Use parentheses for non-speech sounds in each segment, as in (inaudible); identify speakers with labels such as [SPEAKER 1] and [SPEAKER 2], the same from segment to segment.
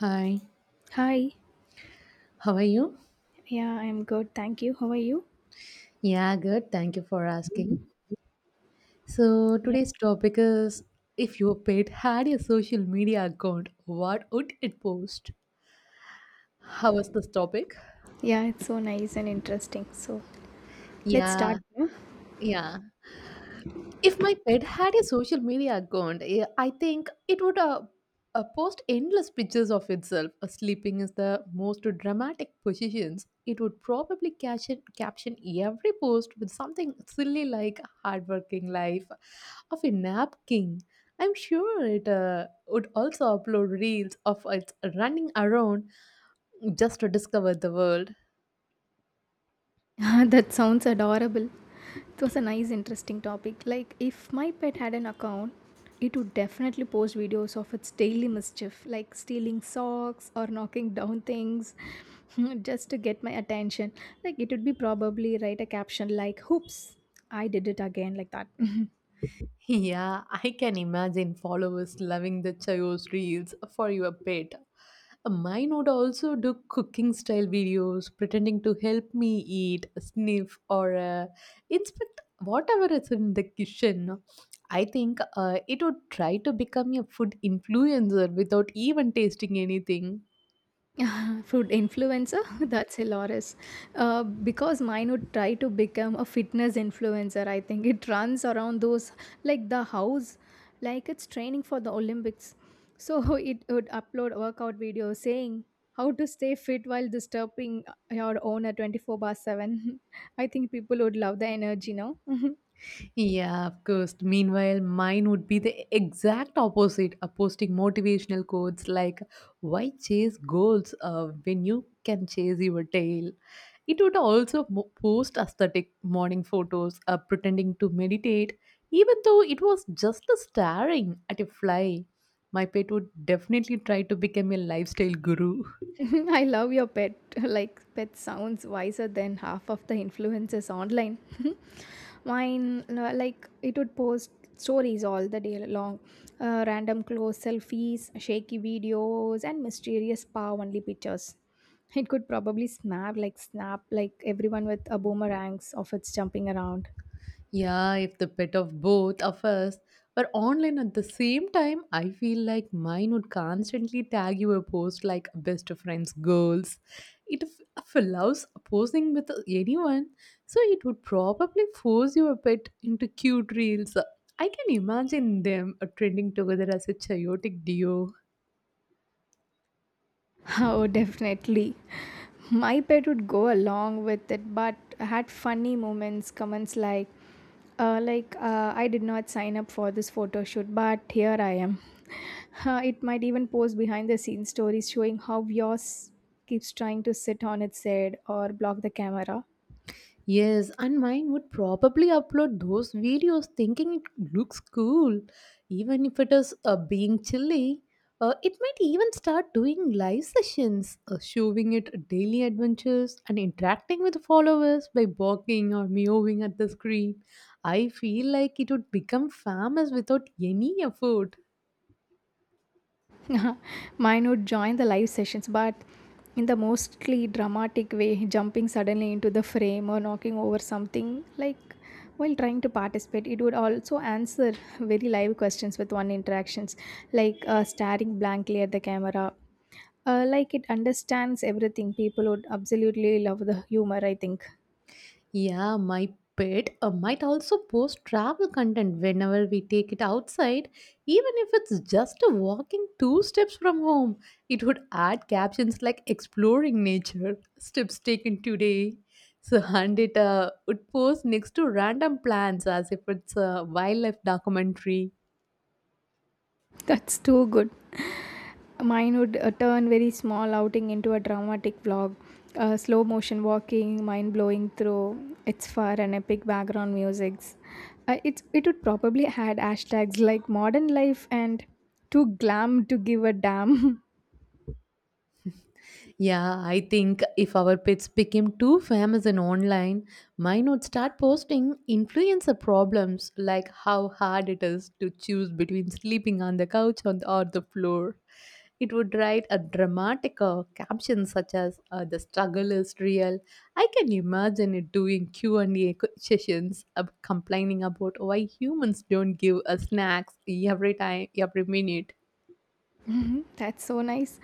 [SPEAKER 1] Hi,
[SPEAKER 2] Hi.
[SPEAKER 1] how are you?
[SPEAKER 2] Yeah, I'm good. Thank you. How are you?
[SPEAKER 1] Yeah, good. Thank you for asking. So,
[SPEAKER 2] Yeah.
[SPEAKER 1] today's topic is if your pet had a social media account, what would it post? How was this topic?
[SPEAKER 2] Yeah, it's so nice and interesting. So let's
[SPEAKER 1] Yeah,
[SPEAKER 2] start. No?
[SPEAKER 1] yeah. If my pet had a social media account, I think it would post endless pictures of itself sleeping is the most dramatic positions. It would probably caption every post with something silly like hardworking life of a nap king. I'm sure it would also upload reels of it running around just to discover the world.
[SPEAKER 2] (laughs) Ah, that sounds adorable. It was a nice, interesting topic. Like, if my pet had an account, it would definitely post videos of its daily mischief, like stealing socks or knocking down things (laughs) just to get my attention. Like, it would be probably write a caption like, Hoops, I did it again, like that. (laughs)
[SPEAKER 1] Yeah, I can imagine followers loving the Chayos reels for your pet. Mine would also do cooking style videos, pretending to help me eat, sniff, or inspect whatever is in the kitchen. I think it would try to become a food influencer without even tasting anything.
[SPEAKER 2] (laughs) Food influencer? (laughs) That's hilarious. Because mine would try to become a fitness influencer, I think. It runs around those, like the house, like it's training for the Olympics. So (laughs) it would upload workout videos saying how to stay fit while disturbing your owner 24 by 7. (laughs) I think people would love the energy, no? (laughs)
[SPEAKER 1] Yeah, of course. Meanwhile, mine would be the exact opposite, posting motivational quotes like, why chase goals when you can chase your tail? It would also post aesthetic morning photos, pretending to meditate, even though it was just a staring at a fly. My pet would definitely try to become a lifestyle guru.
[SPEAKER 2] (laughs) I love your pet. (laughs) Like, pet sounds wiser than half of the influencers online. (laughs) Mine, no, like, it would post stories all the day long random close selfies, shaky videos, and mysterious paw only pictures. It could probably snap, like everyone with a boomerangs of its jumping around.
[SPEAKER 1] Yeah, if the pet of both of us were online at the same time, I feel like mine would constantly tag you a post like best friends goals. It allows posing with anyone, so it would probably force you a bit into cute reels. I can imagine them trending together as a chaotic duo.
[SPEAKER 2] (laughs) Oh, definitely. My pet would go along with it, but had funny moments, comments like, I did not sign up for this photo shoot, but here I am. (laughs) It might even post behind the scenes stories showing how yours keeps trying to sit on its head or block the camera.
[SPEAKER 1] Yes, and mine would probably upload those videos thinking it looks cool. Even if it is being chilly, it might even start doing live sessions, showing it daily adventures and interacting with followers by barking or meowing at the screen. I feel like it would become famous without any effort.
[SPEAKER 2] (laughs) Mine would join the live sessions, but in the mostly dramatic way, jumping suddenly into the frame or knocking over something like while trying to participate. It would also answer very live questions with one interactions, like staring blankly at the camera. Like it understands everything. People would absolutely love the humor, I think.
[SPEAKER 1] Yeah, my pet might also post travel content whenever we take it outside, even if it's just a walking two steps from home. It would add captions like exploring nature, steps taken today. So, (laughs) and it would post next to random plants as if it's a wildlife documentary.
[SPEAKER 2] That's too good. Mine would turn very small outing into a dramatic vlog. Slow motion walking, mind blowing through, it's far and epic background musics. It would probably had hashtags like modern life and too glam to give a damn. (laughs)
[SPEAKER 1] Yeah, I think if our pets became too famous in online, mine would start posting influencer problems like how hard it is to choose between sleeping on the couch on the, or the floor. It would write a dramatic caption such as "The struggle is real." I can imagine it doing Q and A sessions, complaining about why humans don't give us snacks every time, every minute.
[SPEAKER 2] Mhm. That's so nice.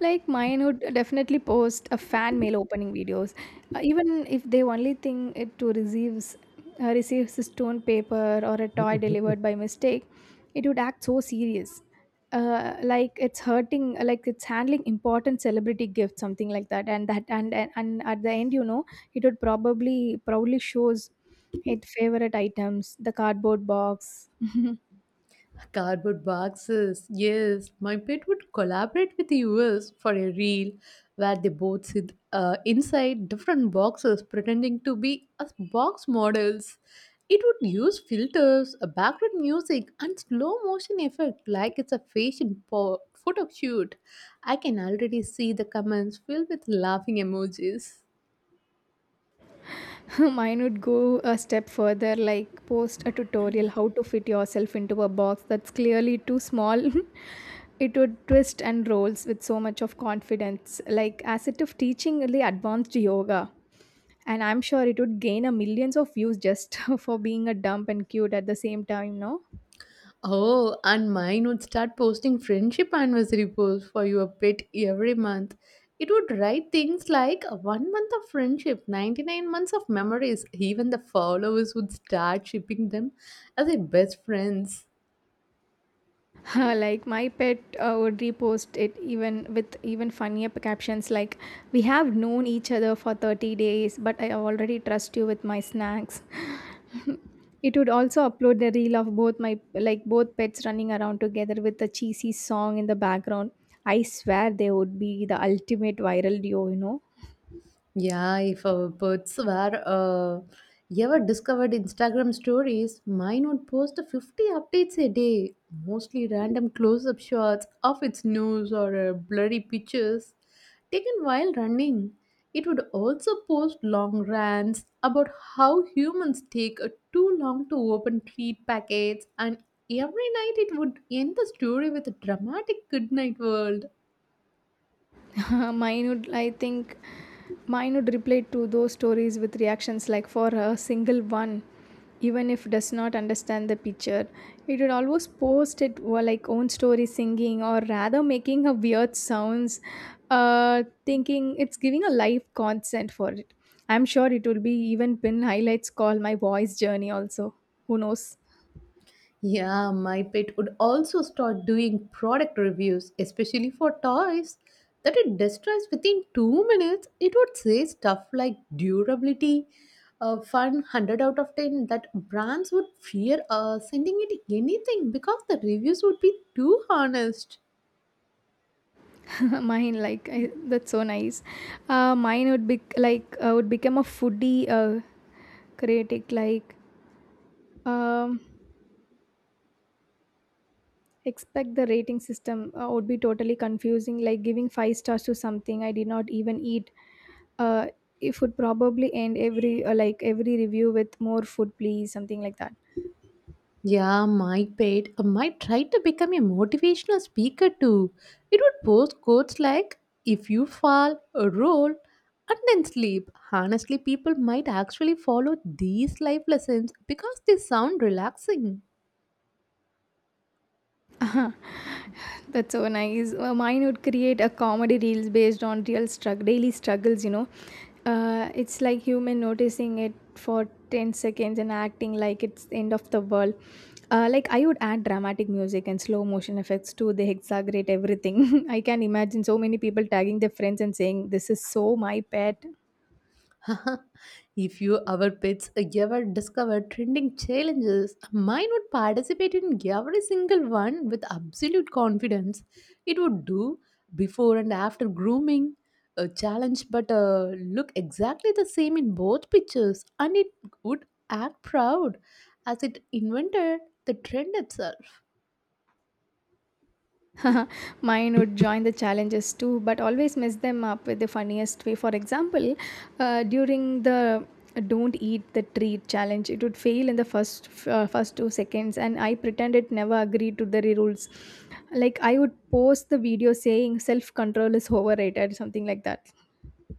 [SPEAKER 2] Like mine would definitely post a fan mail opening videos, even if they only thing it to receives a stone paper or a toy (laughs) delivered by mistake. It would act so serious, like it's hurting, like it's handling important celebrity gift, something like that. And at the end, it would probably proudly shows it favorite items, the cardboard box,
[SPEAKER 1] Cardboard boxes, yes. My pet would collaborate with us for a reel where they both sit inside different boxes pretending to be as box models. It would use filters, a background music, and slow motion effect like it's a fashion photo shoot. I can already see the comments filled with laughing emojis.
[SPEAKER 2] (laughs) Mine would go a step further, like post a tutorial how to fit yourself into a box that's clearly too small. (laughs) It would twist and rolls with so much of confidence, like as it if teaching really advanced yoga. And I'm sure it would gain a millions of views just (laughs) for being a dump and cute at the same time, no?
[SPEAKER 1] Oh, and mine would start posting friendship anniversary posts for your pet every month. It would write things like one month of friendship, 99 months of memories. Even the followers would start shipping them as their best friends.
[SPEAKER 2] (laughs) Like my pet would repost it even with even funnier captions like we have known each other for 30 days but I already trust you with my snacks. It would also upload the reel of both my like both pets running around together with a cheesy song in the background. I swear they would be the ultimate viral duo, you know.
[SPEAKER 1] Yeah, if birds were ever discovered Instagram stories, mine would post 50 updates a day, mostly random close up shots of its nose or blurry pictures taken while running. It would also post long rants about how humans take too long to open treat packets, and every night it would end the story with a dramatic goodnight world.
[SPEAKER 2] (laughs) mine would, I think, mine would, reply to those stories with reactions like for a single one, even if does not understand the picture. It would always post it or like own story singing or rather making a weird sounds, thinking it's giving a live consent for it. I'm sure it will be even pin highlights call my voice journey also. Who knows?
[SPEAKER 1] Yeah, my pet would also start doing product reviews, especially for toys that it destroys within 2 minutes. It would say stuff like durability, fun, 100 out of 10, that brands would fear sending it anything because the reviews would be too honest.
[SPEAKER 2] (laughs) Mine, that's so nice. Uh, mine would be like uh, would become a foodie critic like um, expect the rating system would be totally confusing like giving five stars to something I did not even eat. uh, it would probably end every review with more food please something like that.
[SPEAKER 1] Yeah, my pet might try to become a motivational speaker too. It would post quotes like, if you fall, roll, and then sleep. Honestly, people might actually follow these life lessons because they sound relaxing.
[SPEAKER 2] (laughs) That's so nice. Mine would create a comedy reels based on real struggle, daily struggles. You know, it's like human noticing it for 10 seconds and acting like it's the end of the world. Like I would add dramatic music and slow motion effects to they exaggerate everything. (laughs) I can imagine so many people tagging their friends and saying, "This is so my pet."
[SPEAKER 1] (laughs) if you our pets ever discover trending challenges, mine would participate in every single one with absolute confidence. It would do before and after grooming a challenge, but look exactly the same in both pictures, and it would act proud as it invented the trend itself.
[SPEAKER 2] (laughs) Mine would join the challenges too, but always mess them up with the funniest way. For example, during the "Don't eat the treat" challenge, it would fail in the first 2 seconds, and I pretend it never agreed to the rules. Like I would post the video saying "self control is overrated" something like that.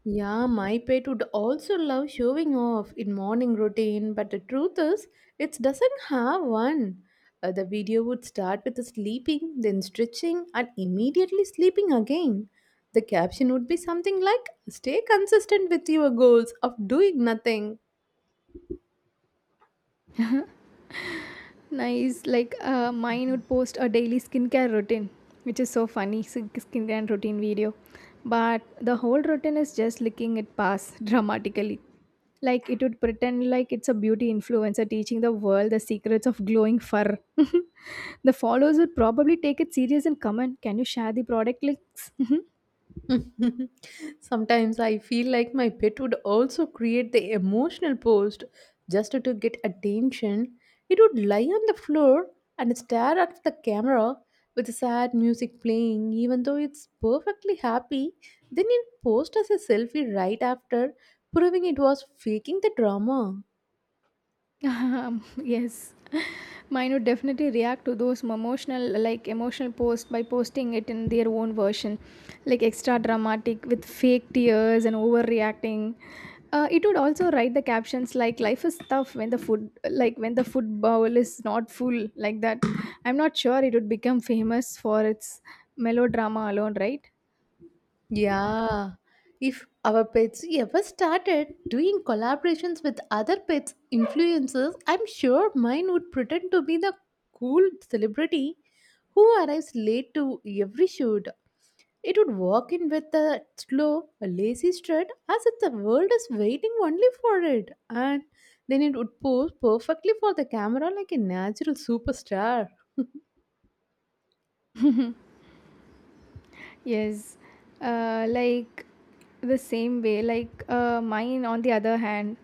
[SPEAKER 1] Yeah, my pet would also love showing off in morning routine, but the truth is, it doesn't have one. The video would start with sleeping, then stretching, and immediately sleeping again. The caption would be something like, stay consistent with your goals of doing nothing.
[SPEAKER 2] Nice like mine would post a daily skincare routine which is so funny skincare routine video, but the whole routine is just licking it past (laughs) dramatically. Like it would pretend like it's a beauty influencer teaching the world the secrets of glowing fur. (laughs) The followers would probably take it serious and comment can you share the product links. (laughs)
[SPEAKER 1] (laughs) Sometimes I feel like my pet would also create the emotional post just to get attention. It would lie on the floor and stare at the camera with sad music playing, even though it's perfectly happy. Then it post as a selfie right after, proving it was faking the drama.
[SPEAKER 2] (laughs) Yes, (laughs) mine would definitely react to those emotional, like emotional posts by posting it in their own version, like extra dramatic with fake tears and overreacting. It would also write the captions like "Life is tough when the food, like when the food bowl is not full," like that. I'm not sure it would become famous for its melodrama alone, right?
[SPEAKER 1] Yeah. If our pets ever started doing collaborations with other pets influencers, I'm sure mine would pretend to be the cool celebrity who arrives late to every shoot. It would walk in with a lazy strut as if the world is waiting only for it. And then it would pose perfectly for the camera like a natural superstar.
[SPEAKER 2] Yes, like the same way, like mine, on the other hand,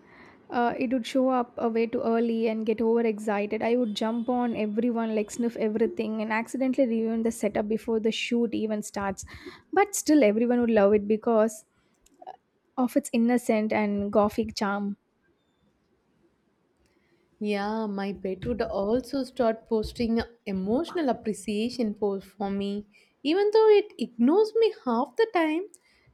[SPEAKER 2] it would show up way too early and get overexcited. I would jump on everyone, like sniff everything, and accidentally ruin the setup before the shoot even starts. But still, everyone would love it because of its innocent and gothic charm.
[SPEAKER 1] Yeah, my pet would also start posting emotional appreciation posts for me. Even though it ignores me half the time,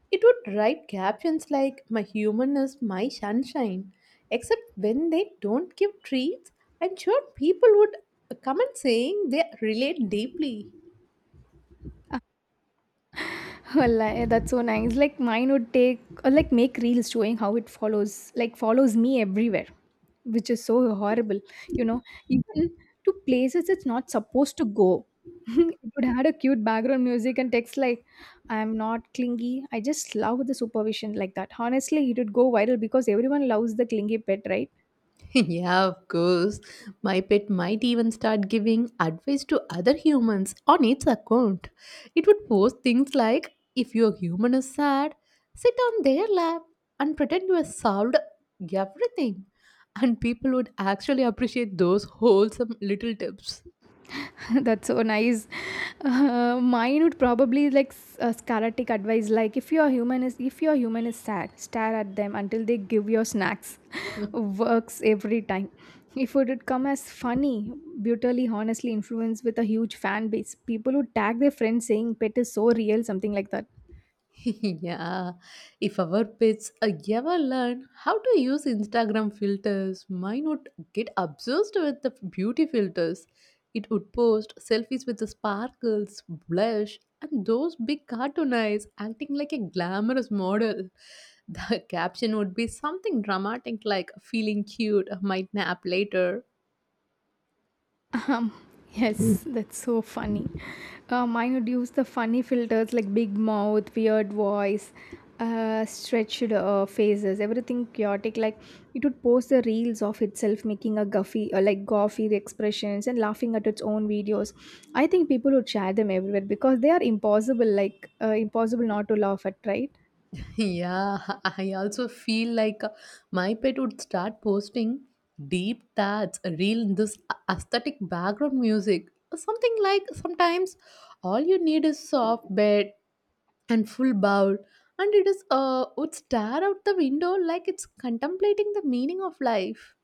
[SPEAKER 1] it would write captions like, my human is my sunshine. Except when they don't give treats, I'm sure people would comment saying they relate deeply.
[SPEAKER 2] (laughs) Wallahi, that's so nice. Like mine would take or like make reels showing how it follows, like follows me everywhere, which is so horrible. You know, even to places it's not supposed to go. (laughs) It would had a cute background music and text like, "I'm not clingy. I just love the supervision like that." Honestly, it would go viral because everyone loves the clingy pet, right?
[SPEAKER 1] (laughs) Yeah, of course. My pet might even start giving advice to other humans on its account. It would post things like if your human is sad, sit on their lap and pretend you have solved everything. And people would actually appreciate those wholesome little tips.
[SPEAKER 2] (laughs) That's so nice. Mine would probably like karate advice like if your human is sad stare at them until they give you snacks. (laughs) Works every time. If it would come as funny brutally honestly influenced with a huge fan base, people would tag their friends saying pet is so real something like that.
[SPEAKER 1] (laughs) Yeah, if our pets ever learn how to use Instagram filters, mine would get obsessed with the beauty filters. It would post selfies with the sparkles, blush, and those big cartoon eyes acting like a glamorous model. The (laughs) caption would be something dramatic like feeling cute, might nap later.
[SPEAKER 2] Um, yes, that's so funny. Mine would use the funny filters like big mouth, weird voice, stretched faces, everything chaotic. Like it would post the reels of itself, making a guffy, goffy expressions and laughing at its own videos. I think people would share them everywhere because they are impossible, impossible not to laugh at, right?
[SPEAKER 1] Yeah, (laughs) I also feel like my pet would start posting deep thoughts, real in this aesthetic background music. Something like sometimes all you need is soft bed and full bowl, and it is would stare out the window like it's contemplating the meaning of life.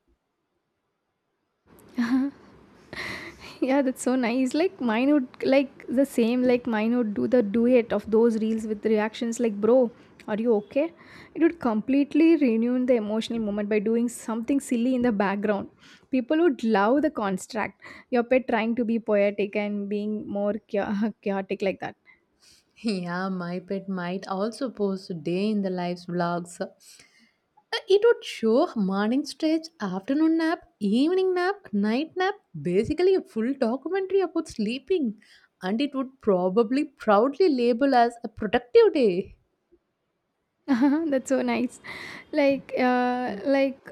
[SPEAKER 2] (laughs) Yeah, that's so nice. Like mine would like the same like mine would do the duet of those reels with reactions like bro are you okay. It would completely renew the emotional moment by doing something silly in the background. People would love the construct your pet trying to be poetic and being more (laughs) chaotic like that.
[SPEAKER 1] Yeah, my pet might also post day in the life's vlogs. It would show morning stretch, afternoon nap, evening nap, night nap, basically a full documentary about sleeping. And it would probably proudly label as a productive day.
[SPEAKER 2] (laughs) That's so nice. Like,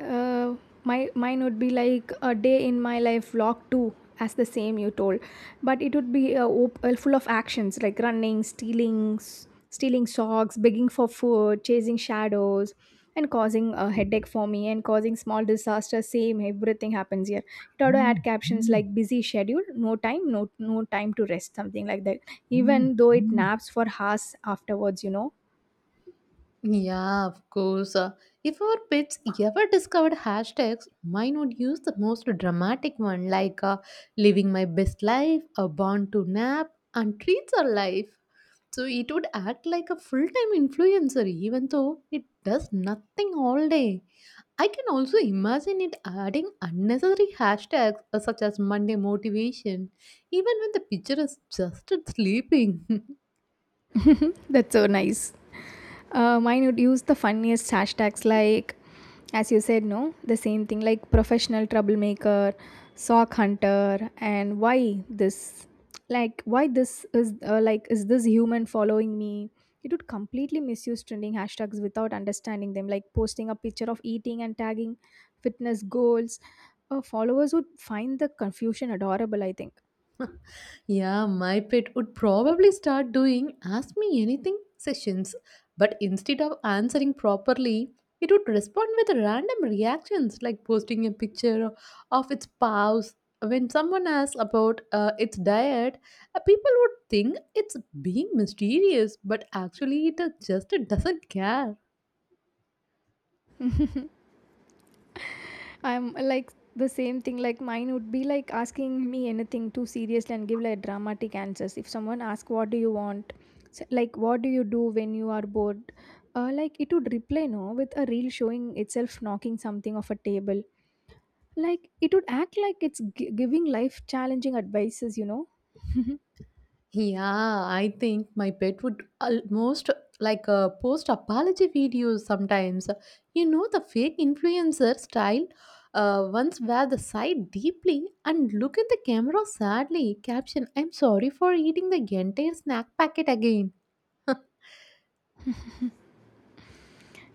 [SPEAKER 2] uh, my mine would be like a day in my life vlog too, as the same you told, but it would be full of actions like running, stealing, stealing socks, begging for food, chasing shadows, and causing a headache for me and causing small disasters. Same, everything happens here. It ought to add captions like busy schedule, no time to rest, something like that. Even though it naps for hours afterwards, you know.
[SPEAKER 1] Yeah, of course. If our pets ever discovered hashtags, mine would use the most dramatic one like living my best life, a born to nap, and treats are life. So it would act like a full time influencer even though it does nothing all day. I can also imagine it adding unnecessary hashtags such as Monday motivation, even when the picture is just it sleeping.
[SPEAKER 2] (laughs) That's so nice. Mine would use the funniest hashtags like, as you said, no, the same thing like professional troublemaker, sock hunter, and why this is is this human following me? It would completely misuse trending hashtags without understanding them, like posting a picture of eating and tagging fitness goals. Followers would find the confusion adorable, I think.
[SPEAKER 1] (laughs) Yeah, my pet would probably start doing ask me anything sessions, but instead of answering properly, it would respond with random reactions like posting a picture of its paws. When someone asks about its diet, people would think it's being mysterious, but actually it just doesn't care.
[SPEAKER 2] (laughs) I'm like the same thing. Like mine would be like asking me anything too seriously and give like dramatic answers. If someone asks, "What do you want?" So, like, "What do you do when you are bored?" Like it would reply no with a reel showing itself knocking something off a table. Like it would act like it's giving life challenging advices, you know.
[SPEAKER 1] Yeah, I think my pet would almost like post apology videos sometimes. The fake influencer style ones wear the side deeply and look at the camera sadly. Caption I'm sorry for eating the entire snack packet again. (laughs)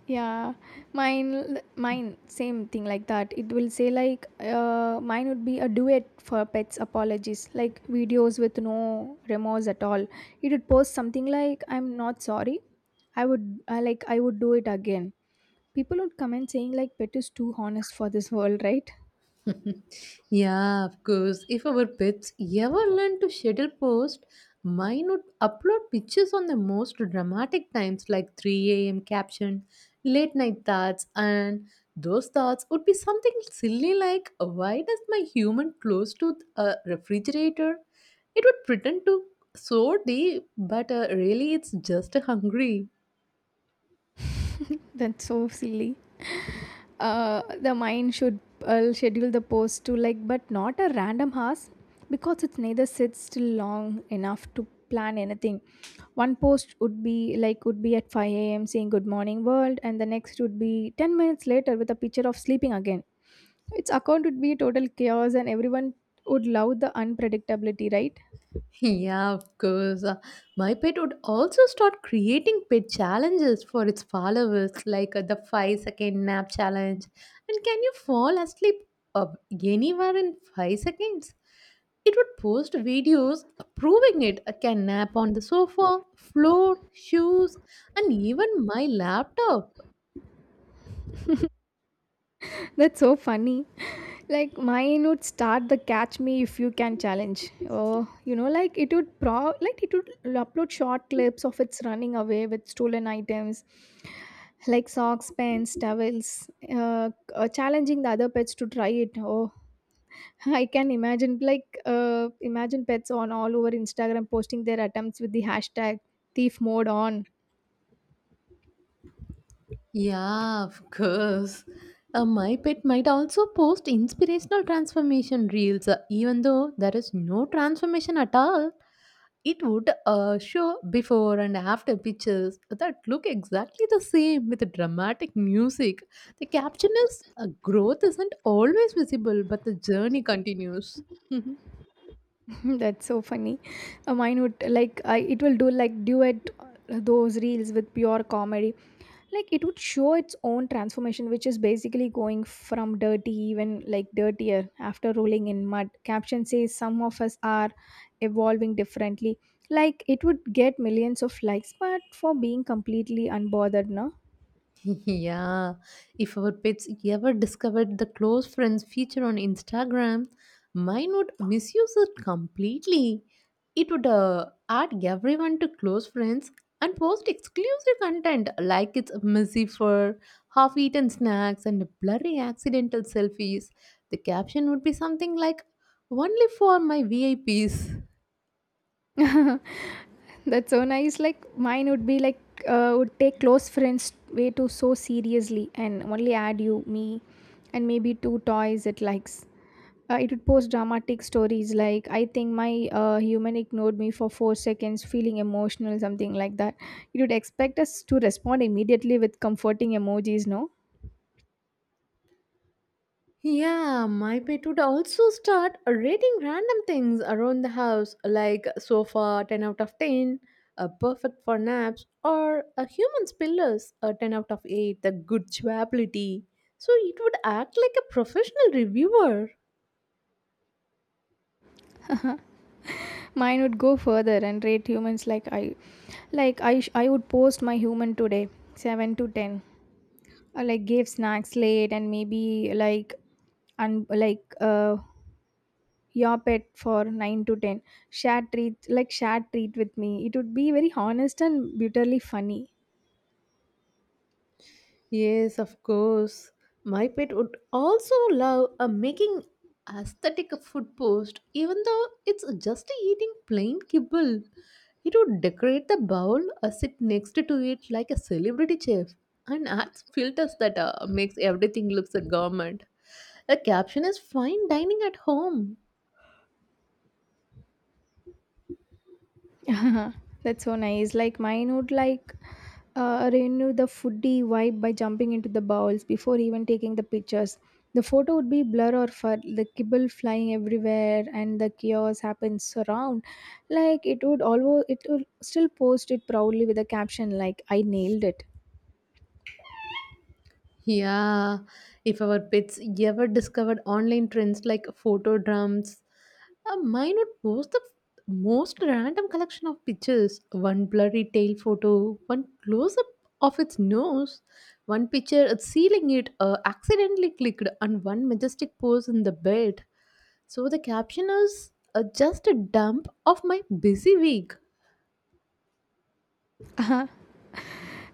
[SPEAKER 2] Yeah, mine, mine, same thing like that. It will say like, mine would be a duet for pets apologies, like videos with no remorse at all. It would post something like, "I'm not sorry. "I would, I would do it again." People would comment saying "Pet is too honest for this world, (laughs) right?"
[SPEAKER 1] (laughs) Yeah, of course. If our pets ever learn to schedule post, mine would upload pictures on the most dramatic times like 3 a.m. caption, late night thoughts, and those thoughts would be something silly like, why does my human close to a refrigerator? It would pretend to so deep, but really it's just hungry.
[SPEAKER 2] That's so silly. The mind should schedule the post to like but not a random hours, because it neither sits still long enough to plan anything. One post would be like would be at 5 a.m saying good morning world, and the next would be 10 minutes later with a picture of sleeping again. Its account would be total chaos and everyone would love the unpredictability, right?
[SPEAKER 1] Yeah, of course. My pet would also start creating pet challenges for its followers, like the 5-second nap challenge. And can you fall asleep uh, anywhere in 5 seconds? It would post videos proving it can nap on the sofa, floor, shoes, and even my laptop.
[SPEAKER 2] (laughs) That's so funny. (laughs) Like mine would start the catch me if you can challenge. Oh, you know, like it would upload short clips of its running away with stolen items, like socks, pens, towels, challenging the other pets to try it. Oh, (laughs) I can imagine imagine pets on all over Instagram posting their attempts with the hashtag thief mode on.
[SPEAKER 1] Yeah, of course. My pet might also post inspirational transformation reels, even though there is no transformation at all. It would show before and after pictures that look exactly the same with dramatic music. The caption is growth isn't always visible, but the journey continues. (laughs)
[SPEAKER 2] (laughs) That's so funny. Mine would like I it will do like duet those reels with pure comedy. Like it would show its own transformation, which is basically going from dirty, even like dirtier after rolling in mud. Caption says some of us are evolving differently. Like it would get millions of likes, but for being completely unbothered.
[SPEAKER 1] (laughs) Yeah, if our pets ever discovered the close friends feature on Instagram, mine would misuse it completely. It would add everyone to close friends and post exclusive content like it's messy fur, half eaten snacks, and blurry accidental selfies. The caption would be something like, only for my VIPs.
[SPEAKER 2] No. (laughs) That's so nice. Like mine would be like would take close friends way too so seriously and only add you, me, and maybe two toys it likes. It would post dramatic stories like I think my human ignored me for 4 seconds, feeling emotional, something like that. It would expect us to respond immediately with comforting emojis. No,
[SPEAKER 1] Yeah, my pet would also start rating random things around the house like sofa 10 out of 10, a perfect for naps, or a human's pillows a 10 out of 8, the good chewability. So it would act like a professional reviewer.
[SPEAKER 2] mine would go further and rate humans like I would post my human today seven to ten, like gave snacks late and maybe like and like your pet for 9 to 10, shared treat with me. It would be very honest and bitterly funny.
[SPEAKER 1] Yes, of course. My pet would also love a making aesthetic food post, even though it's just eating plain kibble. It would decorate the bowl or sit next to it like a celebrity chef and adds filters that makes everything looks a gourmet. The caption is fine dining at home.
[SPEAKER 2] (laughs) That's so nice. Like mine would like renew the foodie vibe by jumping into the bowls before even taking the pictures. The photo would be blur or fur, the kibble flying everywhere, and the chaos happens around. It would still post it proudly with a caption like "I nailed it."
[SPEAKER 1] Yeah, if our pets ever discovered online trends like photo drums, mine would post the most random collection of pictures. One blurry tail photo, one close up of its nose, one picture at sealing it accidentally clicked, and one majestic pose in the bed. So the caption is just a dump of my busy week.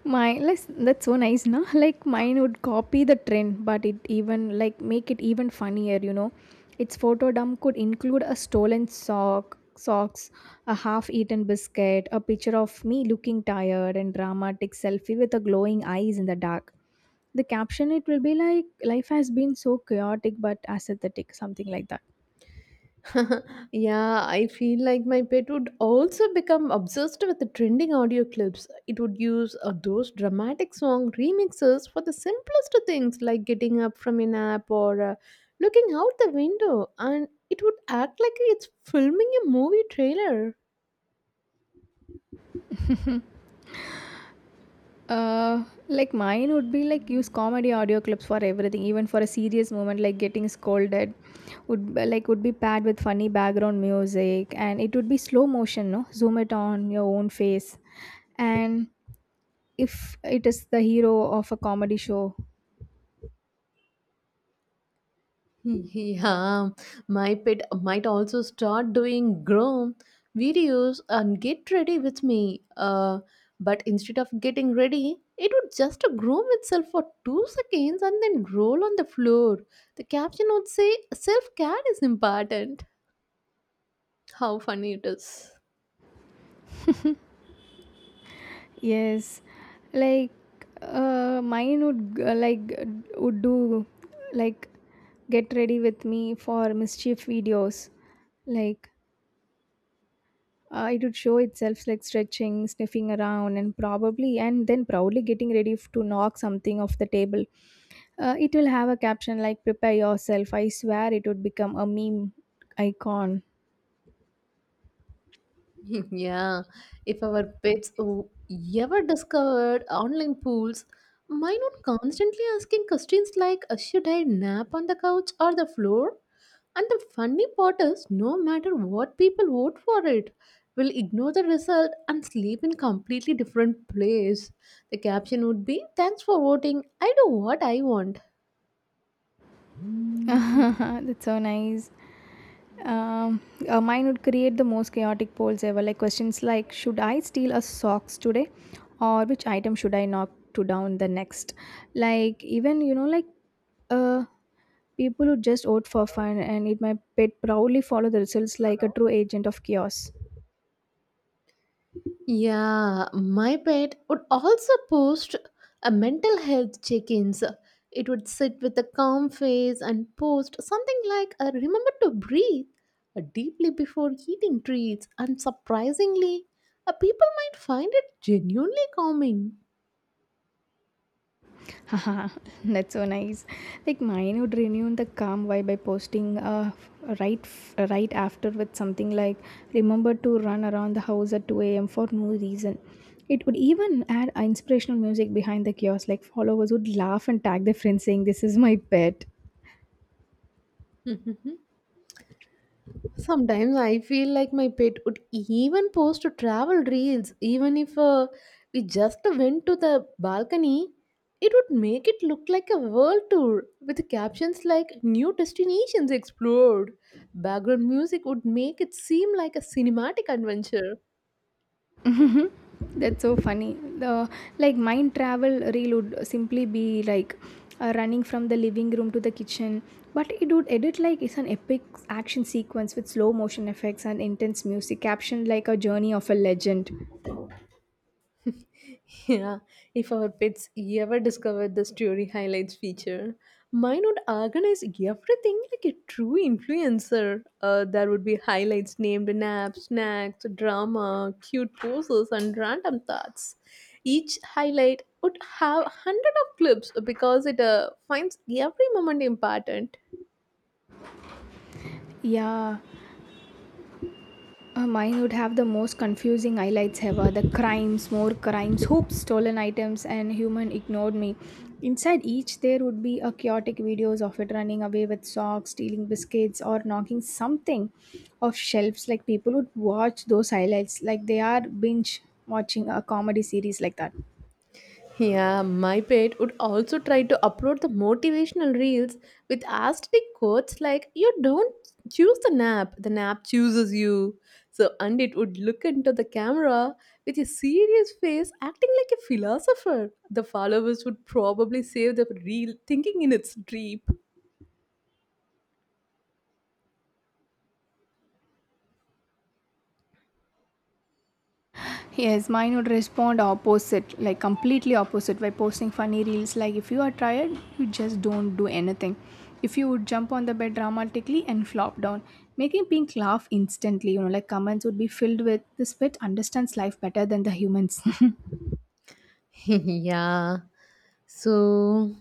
[SPEAKER 2] My that's so nice now. (laughs) Like mine would copy the trend, but it even make it even funnier, you know. Its photo dump could include a stolen sock socks, a half-eaten biscuit, a picture of me looking tired, and dramatic selfie with a glowing eyes in the dark. The caption it will be like life has been so chaotic but aesthetic, something like that.
[SPEAKER 1] (laughs) Yeah, I feel like my pet would also become obsessed with the trending audio clips. It would use those dramatic song remixes for the simplest things like getting up from a nap or looking out the window, and it would act like it's filming a movie trailer.
[SPEAKER 2] Uh, like mine would be like use comedy audio clips for everything, even for a serious moment like getting scolded. Would be- like would be paired with funny background music, and it would be slow motion, no, zoom it on your own face, and if it is the hero of a comedy show.
[SPEAKER 1] Yeah, my pet might also start doing groom videos and get ready with me. But instead of getting ready, it would just groom itself for 2 seconds and then roll on the floor. The caption would say, "Self care is important." How funny it is.
[SPEAKER 2] Yes, like mine would do like get ready with me for mischief videos, like it would show itself like stretching, sniffing around, and probably, and then proudly getting ready to knock something off the table. It will have a caption like, "Prepare yourself." I swear it would become a meme icon.
[SPEAKER 1] (laughs) Yeah, if our pets ever discovered online pools, mine would constantly asking questions like, should I nap on the couch or the floor?" And the funny part is, no matter what people vote for, it will ignore the result and sleep in completely different place. The caption would be, "Thanks for voting. I do what I want."
[SPEAKER 2] (laughs) That's so nice. Um, Mine would create the most chaotic polls ever. Like questions like, should I steal a socks today, or which item should I knock to down the next? Like even you know like uh People who just vote for fun, and it might pet proudly follow the results like a true agent of chaos.
[SPEAKER 1] Yeah, my pet would also post a mental health check-ins. It would sit with a calm face and post something like a remember to breathe deeply before eating treats, and surprisingly people might find it genuinely calming.
[SPEAKER 2] Haha, (laughs) that's so nice. Like mine would renew the calm vibe by posting right after with something like remember to run around the house at 2 a.m. for no reason. It would even add inspirational music behind the chaos. Like followers would laugh and tag their friends saying, "This is my pet."
[SPEAKER 1] (laughs) Sometimes I feel like my pet would even post to travel reels, even if we just went to the balcony. It would make it look like a world tour with captions like new destinations explored. Background music would make it seem like a cinematic adventure.
[SPEAKER 2] That's so funny. The like Mind travel reel would simply be like running from the living room to the kitchen, but it would edit like it's an epic action sequence with slow motion effects and intense music, captioned like a journey of a legend.
[SPEAKER 1] Yeah, if our pets ever discover the story highlights feature, mine would organize everything like a true influencer. There would be highlights named naps, snacks, drama, cute poses, and random thoughts. Each highlight would have hundred of clips because it finds every moment important.
[SPEAKER 2] Yeah. Mine would have the most confusing highlights ever: the crimes, more crimes, hoops, stolen items, and human ignored me. Inside each, there would be a chaotic videos of it running away with socks, stealing biscuits, or knocking something off shelves. Like people would watch those highlights like they are binge watching a comedy series like that.
[SPEAKER 1] Yeah, my pet would also try to upload the motivational reels with aesthetic quotes like, "You don't choose the nap chooses you." So, and it would look into the camera with a serious face, acting like a philosopher. The followers would probably save the reel thinking in its deep.
[SPEAKER 2] Yes, mine would respond opposite, like completely opposite, by posting funny reels. Like, if you are tired, you just don't do anything. If you would jump on the bed dramatically and flop down, making Pink laugh instantly, you know, like comments would be filled with this pet understands life better than the humans. (laughs)
[SPEAKER 1] (laughs) yeah. So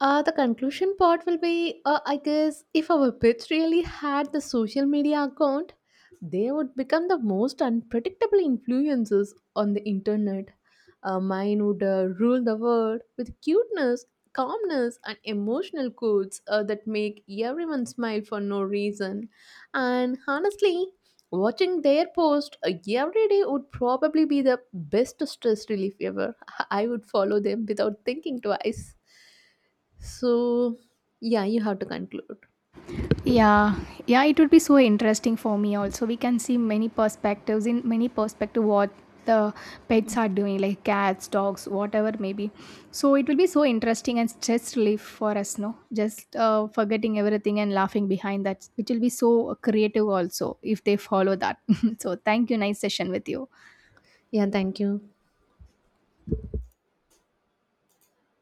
[SPEAKER 1] Uh, the conclusion part will be I guess if our pets really had the social media account, they would become the most unpredictable influencers on the internet. Mine would rule the world with cuteness, calmness, and emotional quotes that make everyone smile for no reason. And honestly, watching their post every day would probably be the best stress relief ever. (laughs) I would follow them without thinking twice. So, yeah, you have to conclude.
[SPEAKER 2] Yeah. Yeah, it would be so interesting for me. Also we can see many perspectives, in many perspective what the pets are doing, like cats, dogs, whatever maybe. So it will be so interesting and stress relief for us, no, just forgetting everything and laughing behind that, which will be so creative also if they follow that. (laughs) So thank you, nice session with you.
[SPEAKER 1] Yeah, thank you.